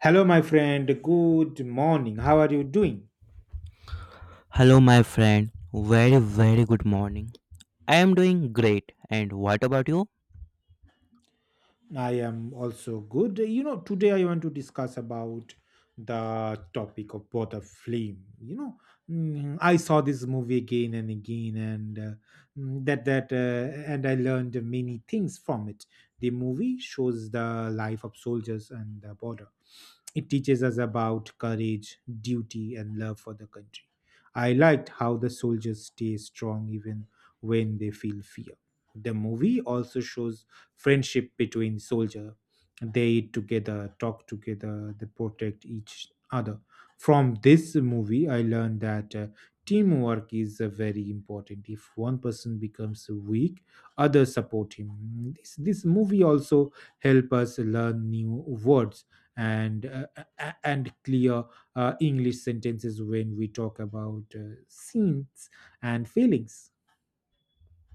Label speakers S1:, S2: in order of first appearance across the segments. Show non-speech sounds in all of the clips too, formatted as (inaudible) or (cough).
S1: Hello, my friend. Good morning. How are you doing?
S2: Hello, my friend. Very, very good morning. I am doing great. And what about you?
S1: I am also good. You know, today I want to discuss about the topic of both a flame. I saw this movie again and again, and mm, that that and I learned many things from it. The movie shows the life of soldiers and the border. It teaches us about courage, duty, and love for the country. I liked how the soldiers stay strong even when they feel fear. The movie also shows friendship between soldiers. They eat together, talk together, they protect each other. From this movie, I learned that teamwork is very important. If one person becomes weak, others support him. This movie also help us learn new words and and clear English sentences when we talk about scenes and feelings.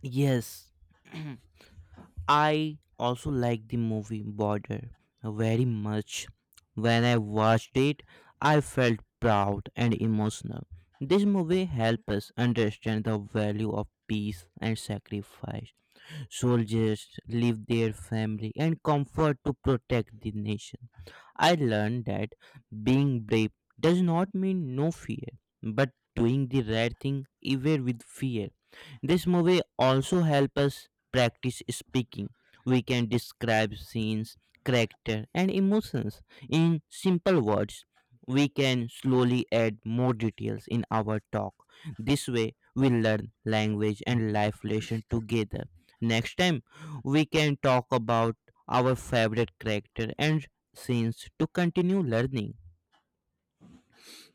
S2: Yes, (clears throat) I also like the movie Border very much. When I watched it, I felt proud and emotional. This movie helps us understand the value of peace and sacrifice. Soldiers leave their family and comfort to protect the nation. I learned that being brave does not mean no fear, but doing the right thing even with fear. This movie also helps us practice speaking. We can describe scenes, character, and emotions in simple words. We can slowly add more details in our talk. This way, we learn language and life lesson together. Next time, we can talk about our favorite character and scenes to continue learning.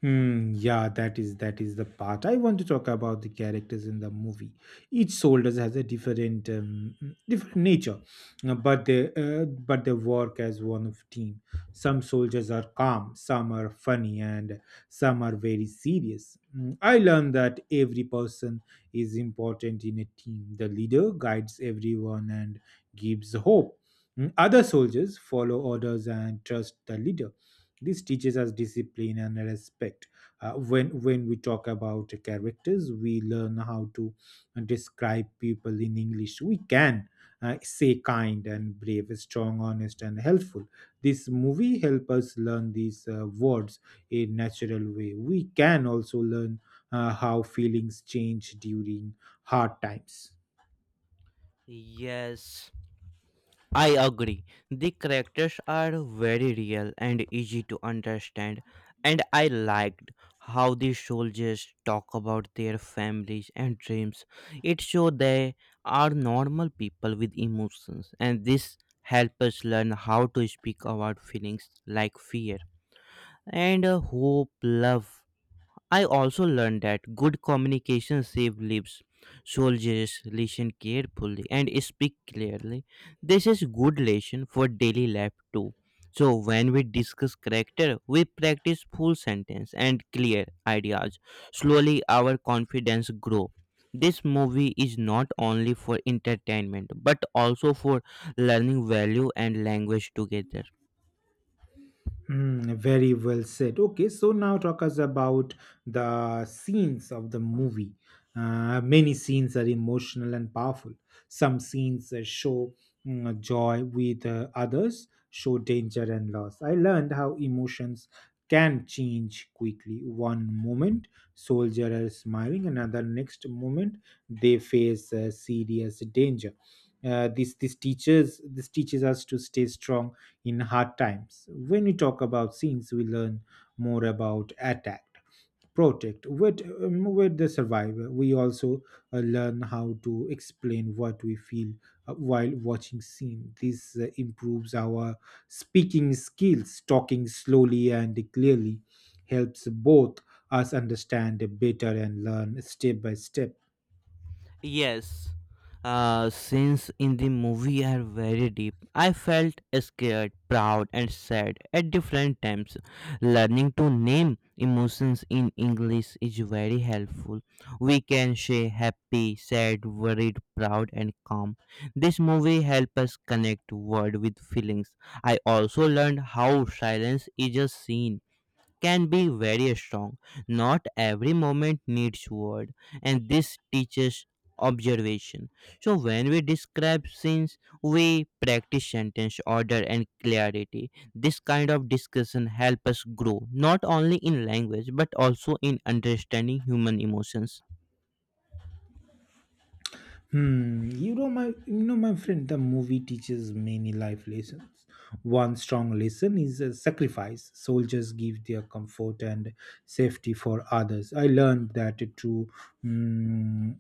S1: Yeah, that is the part I want to talk about the characters in the movie. Each soldier has a different different nature, but they work as one of team. Some soldiers are calm, some are funny, and some are very serious. I learned that every person is important in a team. The leader guides everyone and gives hope. Other soldiers follow orders and trust the leader. This teaches us discipline and respect. When we talk about characters, we learn how to describe people in english. We can say kind and brave, strong, honest, and helpful. This movie help us learn these words in natural way. We can also learn how feelings change during hard times.
S2: Yes, I agree. The characters are very real and easy to understand, and I liked how the soldiers talk about their families and dreams. It showed they are normal people with emotions, and this helps us learn how to speak about feelings like fear and hope, love. I also learned that good communication saves lives. Soldiers listen carefully and speak clearly. This is good lesson for daily life too. So when we discuss character, we practice full sentence and clear ideas. Slowly our confidence grow. This movie is not only for entertainment but also for learning value and language together.
S1: Very well said. Okay, so now talk us about the scenes of the movie. Many scenes are emotional and powerful. Some scenes show joy with others, show danger and loss. I learned how emotions can change quickly. One moment, soldier are smiling, another next moment, they face serious danger. This teaches us to stay strong in hard times. When we talk about scenes, we learn more about attack, protect, with the survivor. We also learn how to explain what we feel while watching scene. This improves our speaking skills. Talking slowly and clearly helps both us understand better and learn step by step.
S2: Yes. Scenes in the movie are very deep. I felt scared, proud, and sad at different times. Learning to name emotions in English is very helpful. We can say happy, sad, worried, proud, and calm. This movie helps us connect word with feelings. I also learned how silence is a scene can be very strong. Not every moment needs word, and this teaches observation. So when we describe scenes, we practice sentence order and clarity. This kind of discussion help us grow not only in language but also in understanding human emotions.
S1: You know, my friend, the movie teaches many life lessons. One strong lesson is a sacrifice. Soldiers give their comfort and safety for others. I learned that mm,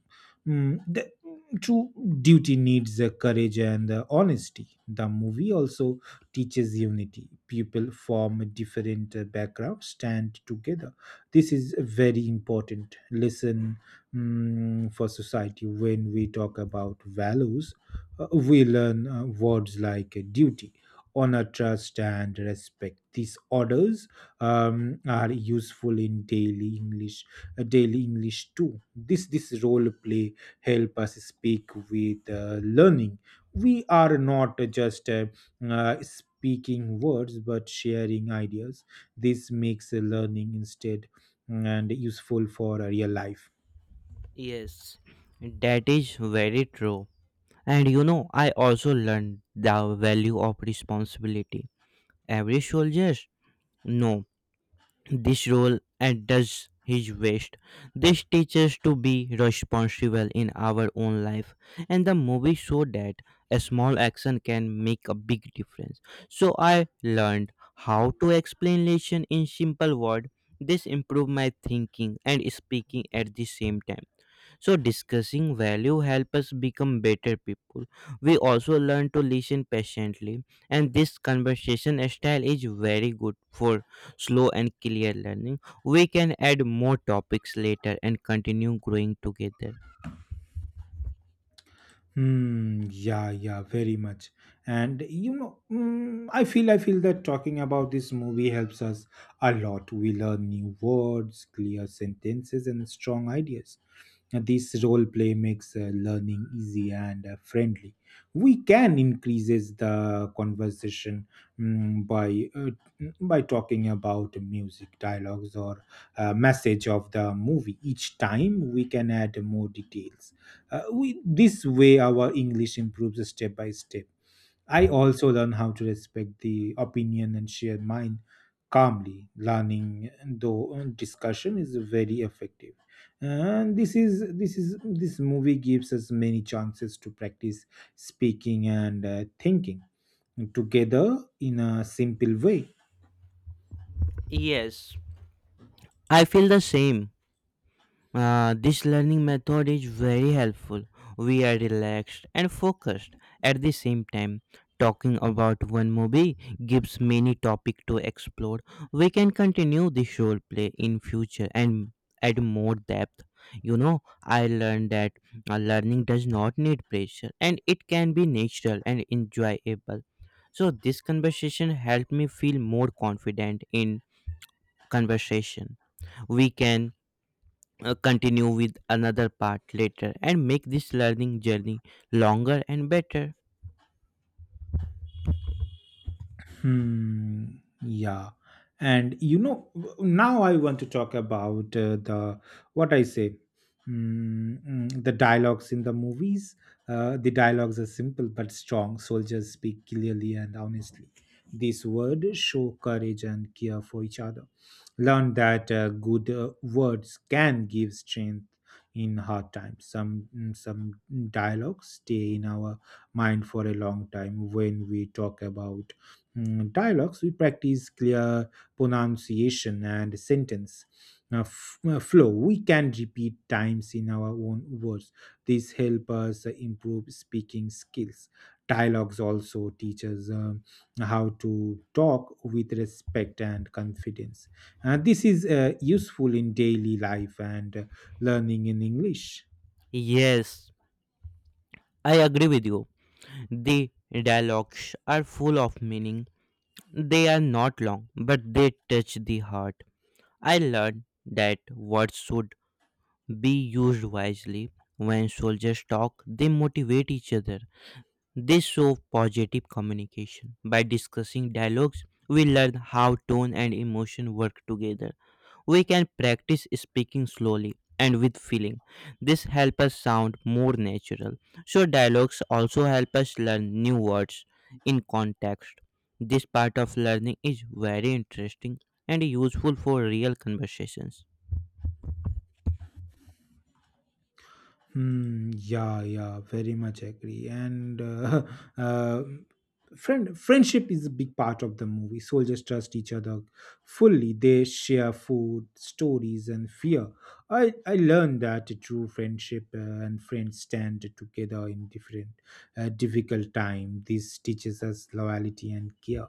S1: mm, the true duty needs the courage and the honesty. The movie also teaches unity. People from different backgrounds stand together. This is a very important lesson for society. When we talk about values, we learn words like duty, honor, trust, and respect. These orders are useful in daily english, daily english too. This role play help us speak with learning. We are not just speaking words but sharing ideas. This makes learning instead, and useful for real life.
S2: Yes, that is very true. And you know, I also learned the value of responsibility. Every soldier, no, this role, does his best. This teaches to be responsible in our own life, and the movie showed that a small action can make a big difference. So I learned how to explain lesson in simple words. This improved my thinking and speaking at the same time. So discussing value help us become better people. We also learn to listen patiently, and this conversation style is very good for slow and clear learning. We can add more topics later and continue growing together.
S1: Hmm. Yeah. Yeah. Very much. And you know, I feel that talking about this movie helps us a lot. We learn new words, clear sentences, and strong ideas. This role play makes learning easy and friendly. We can increases the conversation mm, by uh, by talking about music, dialogues, or message of the movie. Each time we can add more details. This way, our English improves step by step. I also learn how to respect the opinion and share mine calmly. Learning though discussion is very effective, and this is this is this movie gives us many chances to practice speaking and thinking together in a simple way.
S2: Yes, I feel the same. This learning method is very helpful. We are relaxed and focused at the same time. Talking about one movie gives many topic to explore. We can continue this role play in future and add more depth. You know, I learned that learning does not need pressure and it can be natural and enjoyable. So this conversation helped me feel more confident in conversation. We can continue with another part later and make this learning journey longer and better.
S1: Hmm. Yeah. And you know, now I want to talk about the what I say. Mm, mm, the dialogues in the movies. The dialogues are simple but strong. Soldiers speak clearly and honestly. These words show courage and care for each other. Learn that good words can give strength in hard times. Some dialogues stay in our mind for a long time. When we talk about dialogues, we practice clear pronunciation and sentence flow. We can repeat times in our own words. This help us improve speaking skills. Dialogues also teach us how to talk with respect and confidence. This is useful in daily life and learning in English.
S2: Yes, I agree with you. The dialogues are full of meaning. They are not long, but they touch the heart. I learned that words should be used wisely. When soldiers talk, they motivate each other. They show positive communication. By discussing dialogues, we learn how tone and emotion work together. We can practice speaking slowly and with feeling. This helps us sound more natural. So, dialogues also help us learn new words in context. This part of learning is very interesting and useful for real conversations.
S1: Hmm. Yeah. Yeah. Very much agree. And (laughs) uh, friendship is a big part of the movie. Soldiers trust each other fully. They share food, stories, and fear. I learned that a true friendship and friends stand together in different difficult time. This teaches us loyalty and care.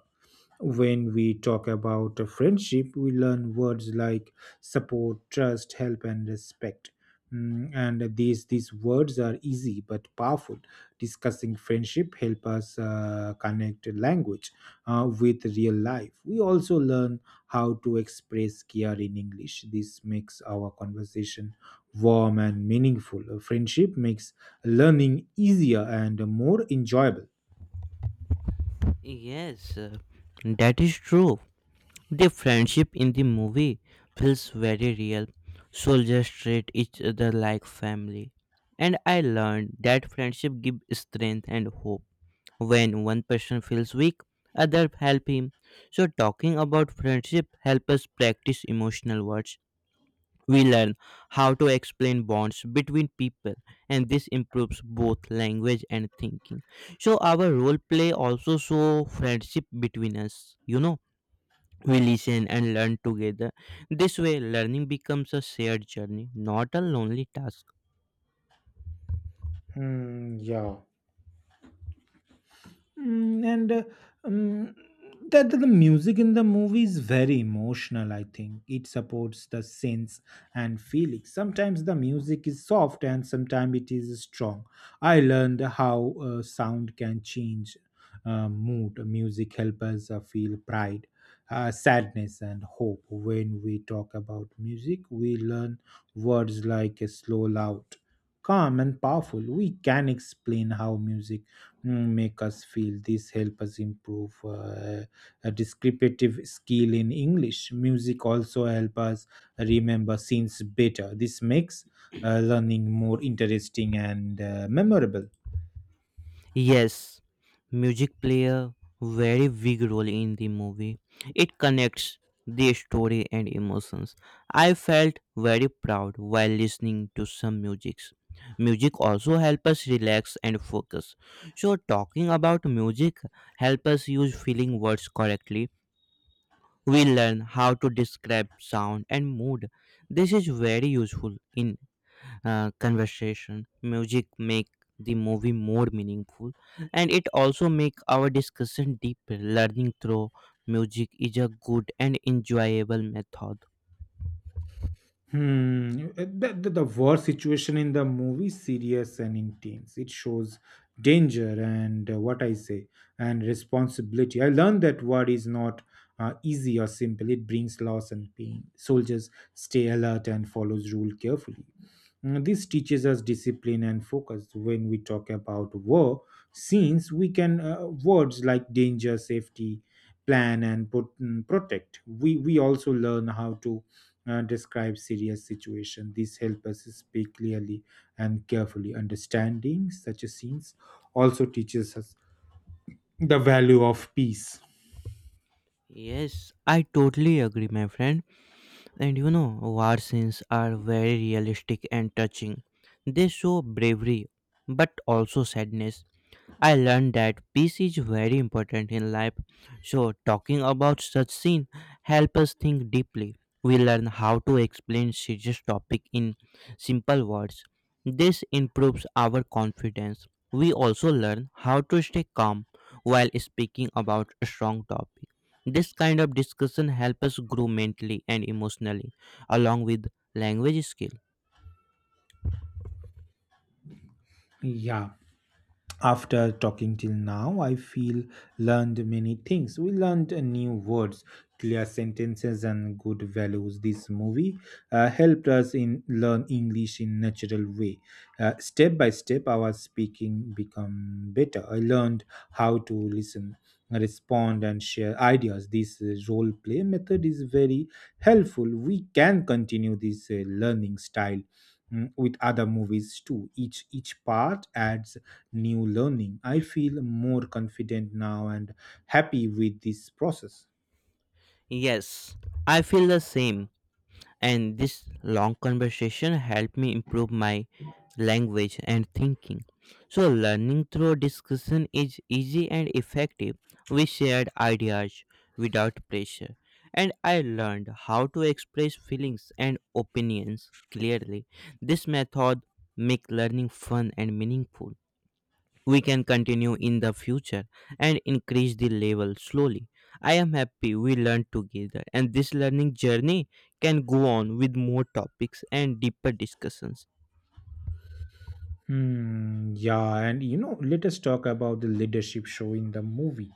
S1: When we talk about a friendship, we learn words like support, trust, help, and respect. Mm, and these words are easy but powerful. Discussing friendship help us connect language with real life. We also learn how to express care in English. This makes our conversation warm and meaningful. Friendship makes learning easier and more enjoyable.
S2: Yes, that is true. The friendship in the movie feels very real. Soldiers treat each other like family. And I learned that friendship gives strength and hope. When one person feels weak, others help him. So talking about friendship helps us practice emotional words. We learn how to explain bonds between people, and this improves both language and thinking. So our role play also show friendship between us, you know, we listen and learn together. This way, learning becomes a shared journey, not a lonely task.
S1: Hmm, yeah. Mm, and um, that The music in the movie is very emotional. I think it supports the sense and feeling. Sometimes the music is soft and sometimes it is strong. I learned how sound can change mood. Music helps us feel pride, sadness, and hope. When we talk about music, we learn words like slow, loud, calm, and powerful. We can explain how music make us feel. This help us improve a descriptive skill in english. Music also help us remember scenes better. This makes learning more interesting and memorable.
S2: Yes, music play a very big role in the movie. It connects the story and emotions. I felt very proud while listening to some musics. Music also helps us relax and focus. So talking about music helps us use feeling words correctly. We learn how to describe sound and mood. This is very useful in conversation. Music make the movie more meaningful, and it also make our discussion deeper. Learning through music is a good and enjoyable method.
S1: Hmm. The war situation in the movie is serious and intense. It shows danger and what I say and responsibility. I learned that war is not easy or simple. It brings loss and pain. Soldiers stay alert and follows rule carefully. This teaches us discipline and focus. When we talk about war scenes, we can words like danger, safety, plan, and protect. We also learn how to describe serious situation. These help us speak clearly and carefully. Understanding such a scenes also teaches us the value of peace.
S2: Yes, I totally agree, my friend. And you know, war scenes are very realistic and touching. They show bravery, but also sadness. I learned that peace is very important in life. So talking about such scene help us think deeply. We learn how to explain serious topic in simple words. This improves our confidence. We also learn how to stay calm while speaking about a strong topic. This kind of discussion help us grow mentally and emotionally along with language skill.
S1: Yeah. After talking till now, I feel learned many things. We learned new words, clear sentences, and good values. This movie helped us in learn English in natural way. Step by step, our speaking become better. I learned how to listen, respond, and share ideas. This role play method is very helpful. We can continue this learning style with other movies too. Each part adds new learning. I feel more confident now and happy with this process.
S2: Yes, I feel the same, and this long conversation helped me improve my language and thinking. So learning through discussion is easy and effective. We shared ideas without pressure, and I learned how to express feelings and opinions clearly. This method make learning fun and meaningful. We can continue in the future and increase the level slowly. I am happy we learned together, and this learning journey can go on with more topics and deeper discussions.
S1: Hmm, yeah, and you know, let us talk about the leadership show in the movie.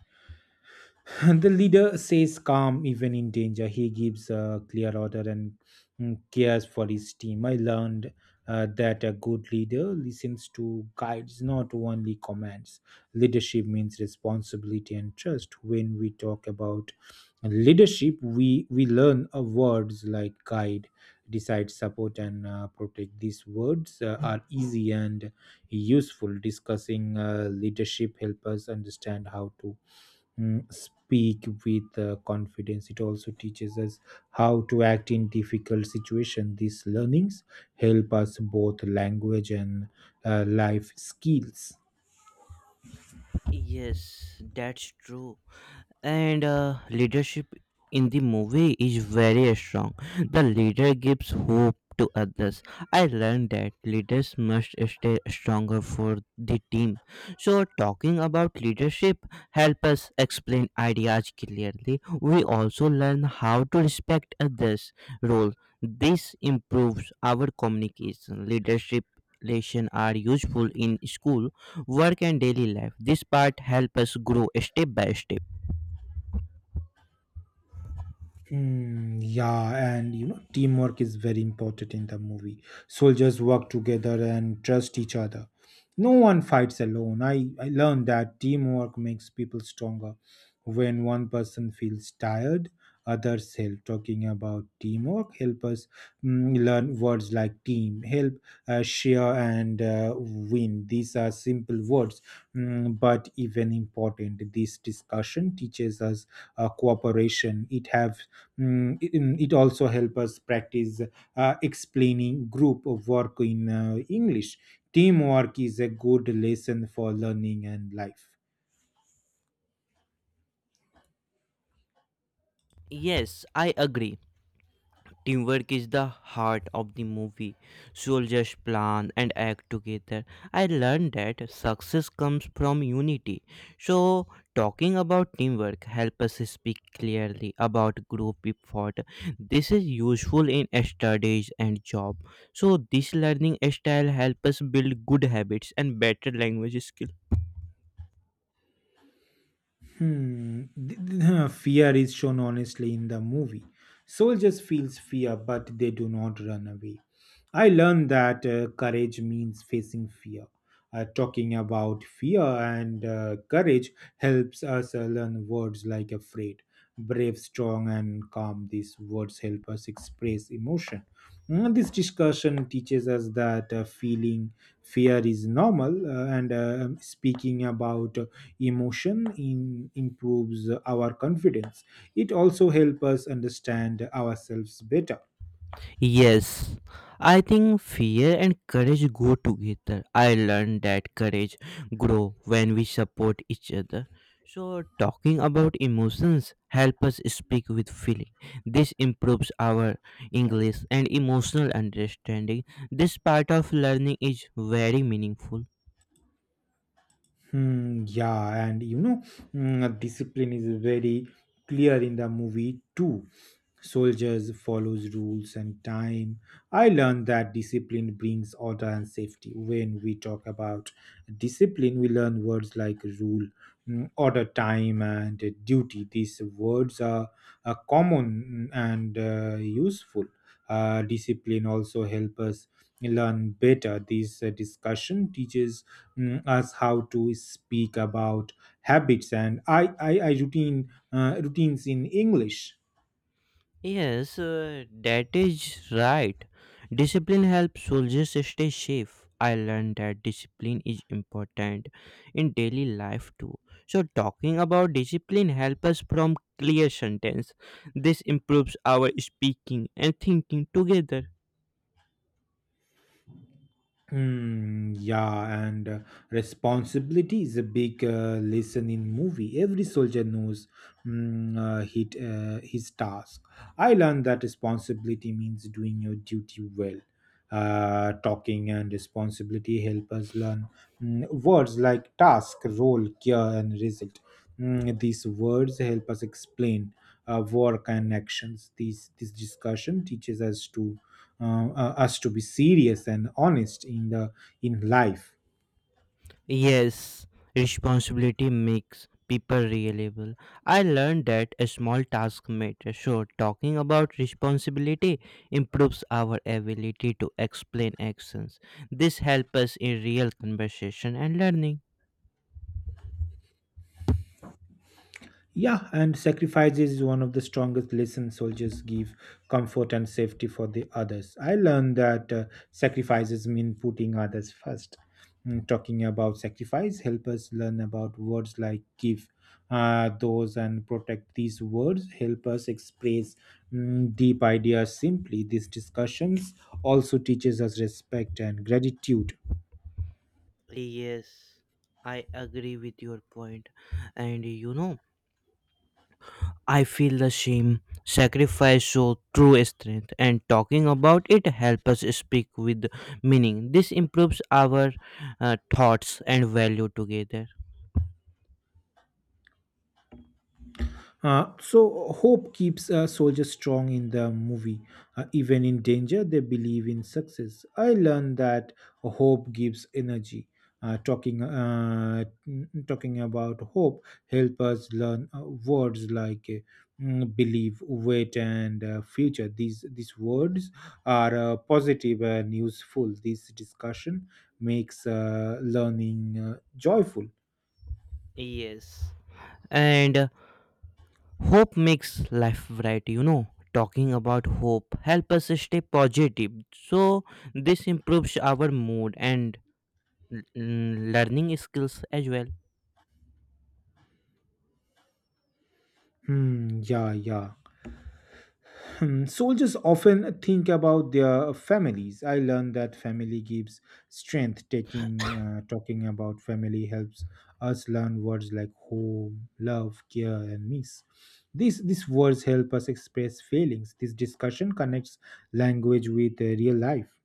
S1: (laughs) The leader stays calm even in danger. He gives a clear order and cares for his team. I learned that a good leader listens to guides, not only commands. Leadership means responsibility and trust. When we talk about leadership, we learn words like guide, decide, support, and protect. These words are easy and useful. Discussing leadership help us understand how to speak with confidence. It also teaches us how to act in difficult situations. These learnings help us both language and life skills.
S2: Yes, that's true. And leadership in the movie is very strong. The leader gives hope to others. I learned that leaders must stay stronger for the team. So talking about leadership help us explain ideas clearly. We also learn how to respect others role. This improves our communication. Leadership lesson are useful in school, work, and daily life. This part help us grow step by step.
S1: Hmm, yeah, and you know, teamwork is very important in the movie. Soldiers work together and trust each other. No one fights alone. I learned that teamwork makes people stronger. When one person feels tired, others help. Talking about teamwork help us learn words like team, help, share, and win. These are simple words, but even important. This discussion teaches us cooperation. It have mm, it also help us practice explaining group of work in english. Teamwork is a good lesson for learning and life.
S2: Yes, I agree. Teamwork is the heart of the movie. Soldiers plan and act together. I learned that success comes from unity. So, talking about teamwork help us speak clearly about group effort. This is useful in studies and job. So, this learning style help us build good habits and better language skills.
S1: Hmm. (laughs) Fear is shown honestly in the movie. Soldiers feels fear, but they do not run away. I learned that courage means facing fear. Talking about fear and courage helps us learn words like afraid, brave, strong, and calm. These words help us express emotion. This discussion teaches us that feeling fear is normal and speaking about emotion in, improves our confidence. It also helps us understand ourselves better.
S2: Yes, I think fear and courage go together. I learned that courage grow when we support each other. So talking about emotions help us speak with feeling. This improves our English and emotional understanding. This part of learning is very meaningful.
S1: Yeah, and you know, discipline is very clear in the movie too. Soldiers follows rules and time. I learned that discipline brings order and safety. When we talk about discipline, we learn words like rule, order, time, and duty. These words are common and useful. Discipline also help us learn better. This discussion teaches us how to speak about habits and I routine routines in english.
S2: Yes, that is right. Discipline helps soldiers stay safe. I learned that discipline is important in daily life too. So talking about discipline helps us from clear sentence. This improves our speaking and thinking together.
S1: Yeah, and responsibility is a big lesson in movie. Every soldier knows his task. I learned that responsibility means doing your duty well. Talking and responsibility help us learn words like task, role, care, and result. These words help us explain work and actions. These this discussion teaches us to us to be serious and honest in the in life.
S2: Yes, responsibility makes people reliable. I learned that a small task matters. So, talking about responsibility improves our ability to explain actions. This helps us in real conversation and learning.
S1: Yeah, and sacrifice is one of the strongest lessons. Soldiers give comfort and safety for the others. I learned that sacrifices mean putting others first. Talking about sacrifice help us learn about words like give, those, and protect. These words help us express deep ideas simply. These discussions also teaches us respect and gratitude.
S2: Yes, I agree with your point. And you know, I feel the same. Sacrifice show true strength, and talking about it helps us speak with meaning. This improves our thoughts and value together.
S1: So hope keeps soldiers strong in the movie. Even in danger, they believe in success. I learned that hope gives energy. Talking about hope help us learn words like believe, wait, and future. These words are positive and useful. This discussion makes learning joyful.
S2: Yes. And hope makes life bright. You know, talking about hope help us stay positive. So this improves our mood and learning skills as well.
S1: Yeah, yeah. Hmm. Soldiers often think about their families. I learned that family gives strength. Taking Talking about family helps us learn words like home, love, care, and miss. These words help us express feelings. This discussion connects language with real life.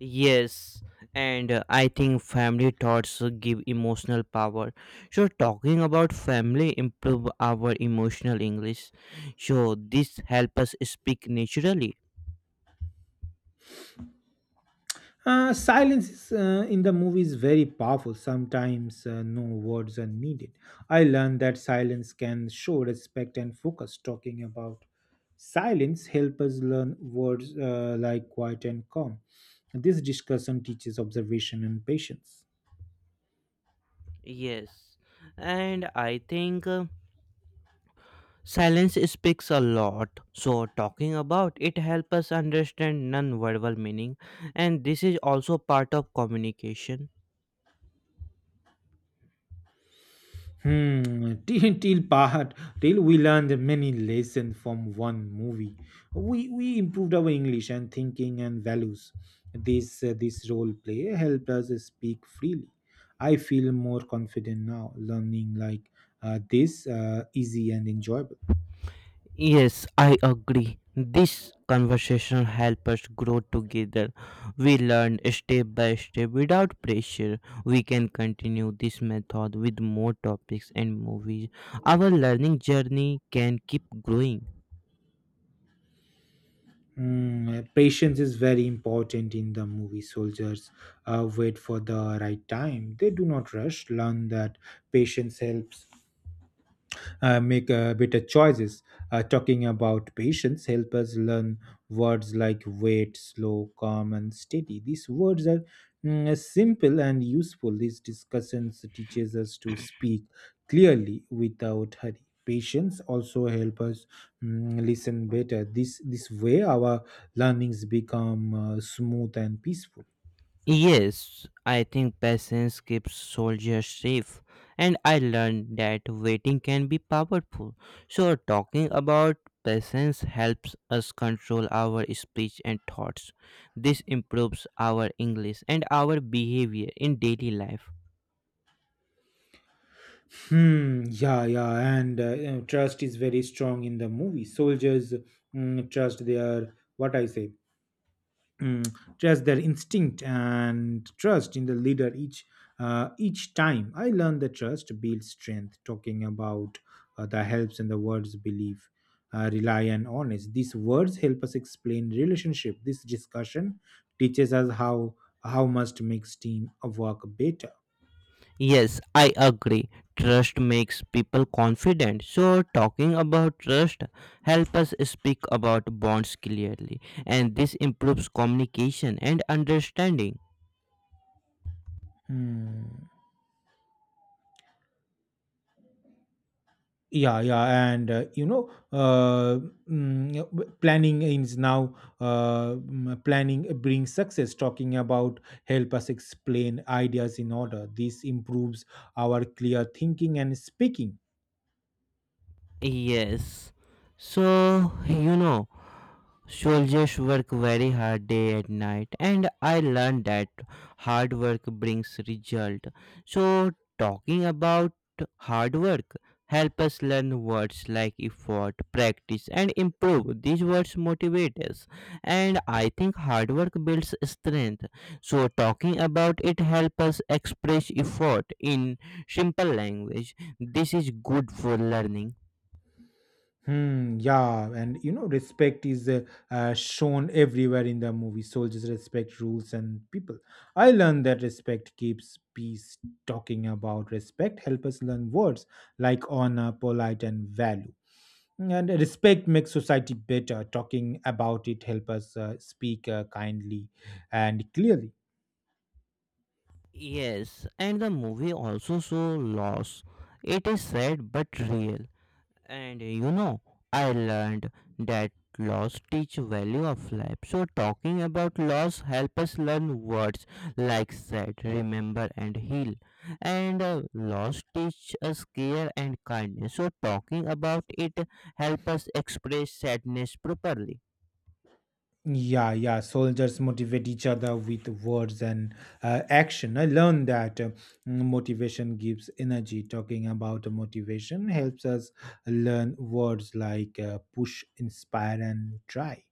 S2: Yes, and I think family thoughts give emotional power. So talking about family improve our emotional English. So this help us speak naturally.
S1: Silence is, in the movie is very powerful. Sometimes no words are needed. I learned that silence can show respect and focus. Talking about silence help us learn words like quiet and calm. This discussion teaches observation and patience.
S2: Yes, and I think silence speaks a lot. So talking about it help us understand non-verbal meaning, and this is also part of communication.
S1: Hmm, till, till part Till we learned many lessons from one movie. We improved our English and thinking and values. This role play helped us speak freely. I feel more confident now. Learning like this easy and enjoyable.
S2: Yes, I agree. This conversation helps us grow together. We learn step by step without pressure. We can continue this method with more topics and movies. Our learning journey can keep growing.
S1: Mm, patience is very important in the movie. Soldiers wait for the right time. They do not rush. Learn that patience helps make better choices. Talking about patience help us learn words like wait, slow, calm, and steady. These words are simple and useful. These discussions teaches us to speak clearly without hurry. Patience also help us listen better. This way our learnings become smooth and peaceful.
S2: Yes, I think patience keeps soldiers safe, and I learned that waiting can be powerful. So, talking about patience helps us control our speech and thoughts. This improves our English and our behavior in daily life.
S1: Hmm. Yeah. Yeah. And you know, trust is very strong in the movie. Soldiers trust their what I say. Mm, trust their instinct and trust in the leader. Each time I learn the trust builds strength. Talking about the helps and the words believe. Rely and honest. These words help us explain relationship. This discussion teaches us how must makes team work better.
S2: Yes, I agree. Trust makes people confident. So talking about trust help us speak about bonds clearly, and this improves communication and understanding.
S1: Hmm. Yeah, yeah, and you know, planning is now, planning brings success. Talking about help us explain ideas in order. This improves our clear thinking and speaking.
S2: Yes. So, you know, soldiers work very hard day and night, and I learned that hard work brings result. So, talking about hard work help us learn words like effort, practice, and improve. These words motivate us, and I think hard work builds strength. So, talking about it help us express effort in simple language. This is good for learning.
S1: Yeah, and you know, respect is shown everywhere in the movie. Soldiers respect rules and people. I learned that respect keeps peace. Talking about respect help us learn words like honor, polite, and value. And respect makes society better. Talking about it help us speak kindly and clearly.
S2: Yes, and the movie also show loss. It is sad but real. And you know, I learned that loss teach value of life. So talking about loss help us learn words like sad, remember, and heal. And loss teach us care and kindness. So talking about it help us express sadness properly.
S1: Yeah, yeah, soldiers motivate each other with words and action. I learned that motivation gives energy. Talking about motivation helps us learn words like push, inspire, and try.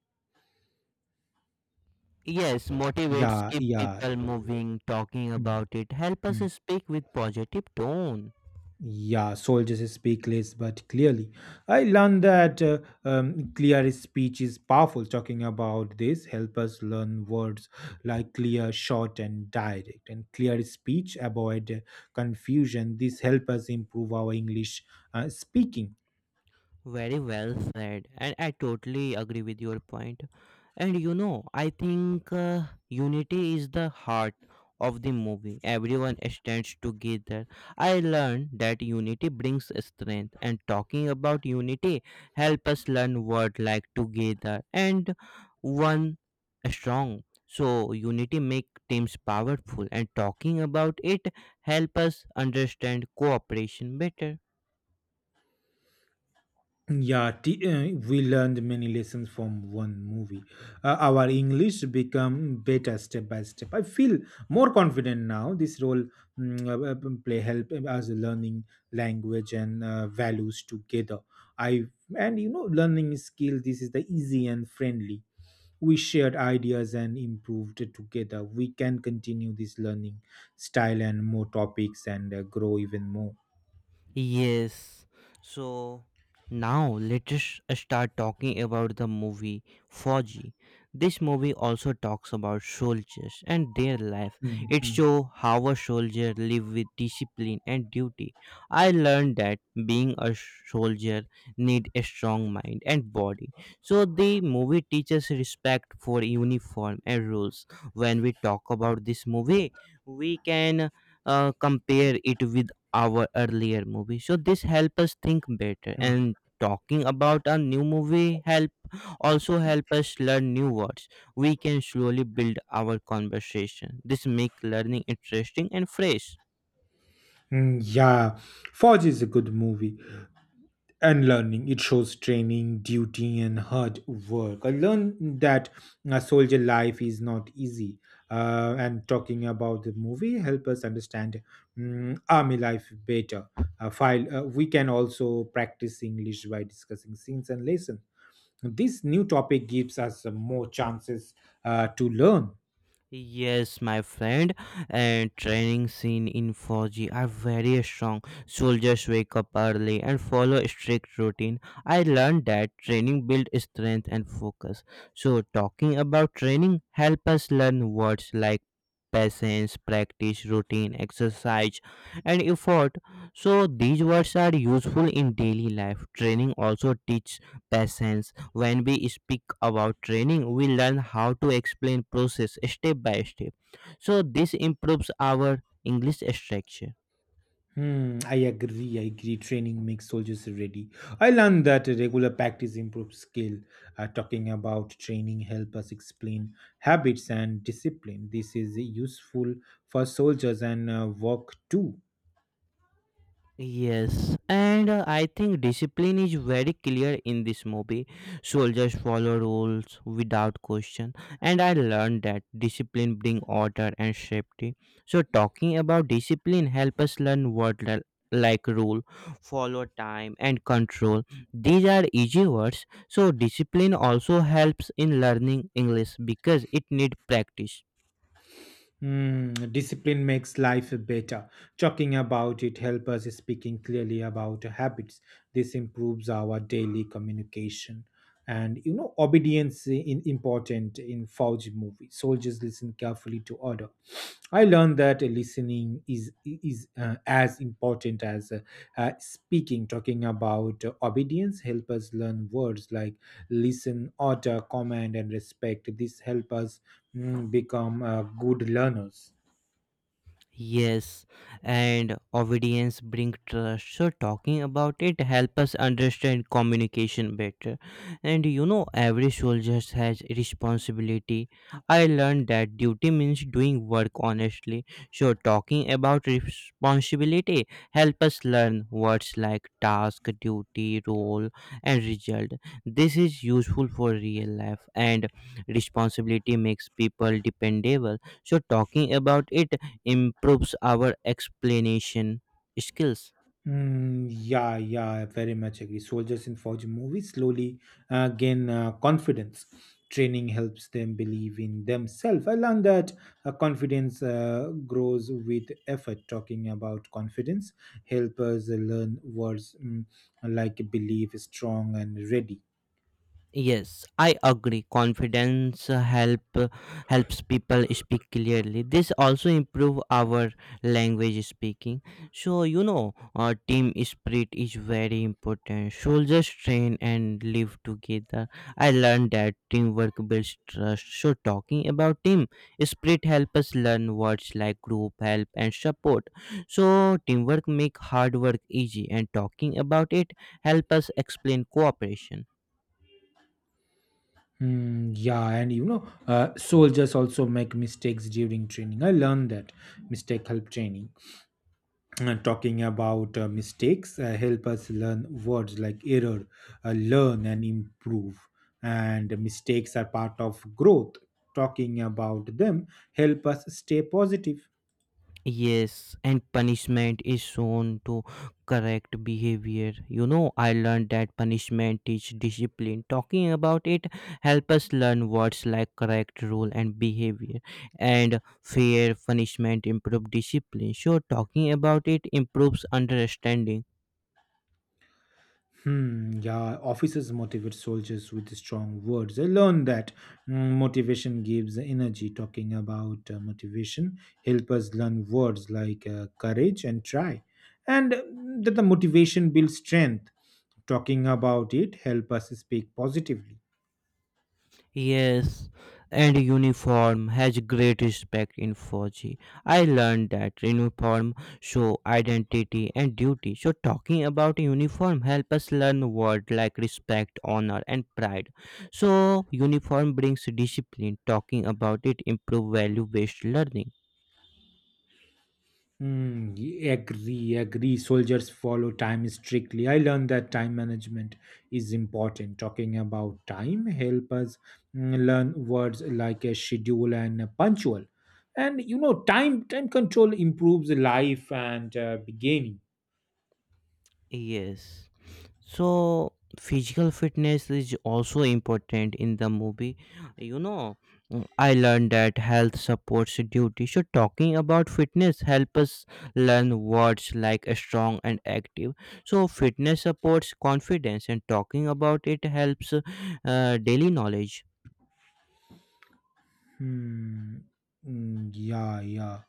S2: Yes, motivates
S1: Yeah,
S2: keep
S1: yeah.
S2: people moving. Talking
S1: Hmm,
S2: about it help us
S1: hmm.
S2: speak with positive tone.
S1: Yeah, soldiers speak less but clearly. I learned that clear speech is powerful. Talking about this help us learn words like clear, short, and direct. And clear speech avoid confusion. This help us improve our English speaking.
S2: Very well said, and I totally agree with your point. And you know, I think unity is the heart of the movie. Everyone stands together. I learned that unity brings strength, and talking about unity help us learn word like together and one strong. So unity make teams powerful, and talking about it help us understand cooperation better.
S1: Yeah, we learned many lessons from one movie. Our English become better step by step. I feel more confident now. Play help us learning language and values together. I and you know learning skill. This is the easy and friendly. We shared ideas and improved together. We can continue this learning style and more topics and grow even more.
S2: Yes. So now let's just start talking about the movie Foji. This movie also talks about soldiers and their life.
S1: Mm,
S2: It
S1: mm,
S2: shows how a soldier live with discipline and duty. I learned that being a soldier need a strong mind and body. So the movie teaches respect for uniform and rules. When we talk about this movie, we can compare it with our earlier movie, so this help us think better,
S1: mm.
S2: and talking about a new movie help also help us learn new words. We can slowly build our conversation. This make learning interesting and fresh.
S1: Mm, yeah, Forge is a good movie. And learning, it shows training, duty, and hard work. I learned that a soldier life is not easy. And talking about the movie help us understand army life better. File we can also practice English by discussing scenes and lesson. This new topic gives us more chances to learn.
S2: Yes, my friend, and training scene in 4G are very strong. Soldiers wake up early and follow strict routine. I learned that training build strength and focus. So talking about training help us learn words like patience, practice, routine, exercise, and effort. So these words are useful in daily life. Training also teach patience. When we speak about training, we learn how to explain process step by step. So this improves our English structure.
S1: Hmm, I agree. I agree. Training makes soldiers ready. I learned that regular practice improves skill. Talking about training help us explain habits and discipline. This is useful for soldiers and work too.
S2: Yes, and I think discipline is very clear in this movie. Soldiers follow rules without question, and I learned that discipline brings order and safety. So, talking about discipline help us learn like rule, follow time, and control. These are easy words. So, discipline also helps in learning English because it need practice.
S1: Hmm, discipline makes life better. Talking about it help us speaking clearly about habits. This improves our daily communication. And you know, obedience is important in Fauji movie. Soldiers listen carefully to order. I learned that listening is as important as speaking. Talking about obedience help us learn words like listen, order, command, and respect. This help us become good learners.
S2: Yes, and obedience bring trust. So talking about it help us understand communication better. And you know, every soldier has responsibility. I learned that duty means doing work honestly. So talking about responsibility help us learn words like task, duty, role, and result. This is useful for real life, and responsibility makes people dependable. So talking about it improves our explanation skills.
S1: Mm, yeah, yeah, I very much agree. Soldiers in Fauji movies slowly gain confidence. Training helps them believe in themselves. I learned that confidence grows with effort. Talking about confidence help us learn words like believe, strong, and ready.
S2: Yes, I agree. Confidence helps people speak clearly. This also improve our language speaking. So you know, team spirit is very important. Soldiers train and live together. I learned that teamwork builds trust. So talking about team spirit help us learn words like group, help, and support. So teamwork make hard work easy, and talking about it help us explain cooperation.
S1: Mm, yeah, and you know, soldiers also make mistakes during training. I learned that mistake help training. Talking about mistakes help us learn words like error, learn, and improve. And mistakes are part of growth. Talking about them help us stay positive.
S2: Yes, and punishment is shown to correct behavior. You know, I learned that punishment teach discipline. Talking about it help us learn words like correct rule and behavior, and fair punishment improve discipline. So talking about it improves understanding.
S1: Hmm, yeah, officers motivate soldiers with strong words. I learned that motivation gives energy. Talking about motivation help us learn words like courage and try, and that the motivation builds strength. Talking about it help us speak positively.
S2: Yes, and uniform has great respect in 4G. I learned that uniform show identity and duty. So talking about uniform help us learn word like respect, honor, and pride. So uniform brings discipline. Talking about it improve value based learning.
S1: Agree, agree. Soldiers follow time strictly. I learned that time management is important. Talking about time help us learn words like a schedule and a punctual. And you know, time control improves life and beginning.
S2: Yes. So physical fitness is also important in the movie, you know. I learned that health supports duty, so talking about fitness help us learn words like strong and active. So fitness supports confidence, and talking about it helps daily knowledge.
S1: Hmm. Mm, yeah, yeah.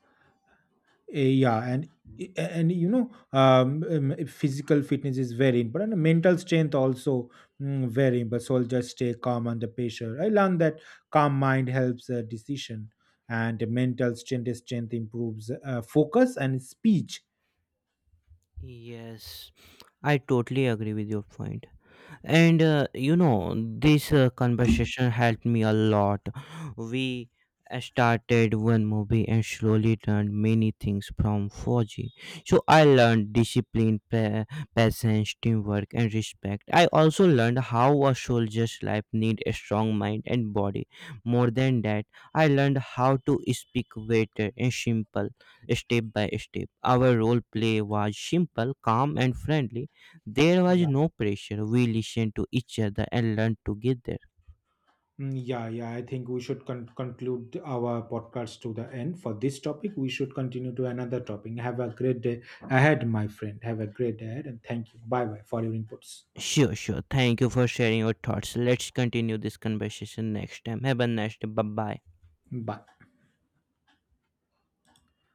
S1: Eh, yeah, and you know, physical fitness is very important and mental strength also, very important. Soldiers stay calm under pressure. I learned that calm mind helps decision. And mental strength improves focus and speech.
S2: Yes, I totally agree with your point. And you know, this conversation helped me a lot. We started one movie and slowly learned many things from Foji. So I learned discipline, patience, teamwork, and respect. I also learned how a soldier's life needs a strong mind and body. More than that, I learned how to speak better and simple, step by step. Our role play was simple, calm, and friendly. There was
S1: Yeah.
S2: no pressure. We listened to each other and learned together.
S1: Mm, yeah, yeah, I think we should conclude our podcast to the end for this topic. We should continue to another topic. Have a great day ahead, my friend. Have a great day ahead and thank you. Bye bye for your inputs.
S2: Sure, sure. Thank you for sharing your thoughts. Let's continue this conversation next time. Have a nice day. Bye bye.
S1: Bye.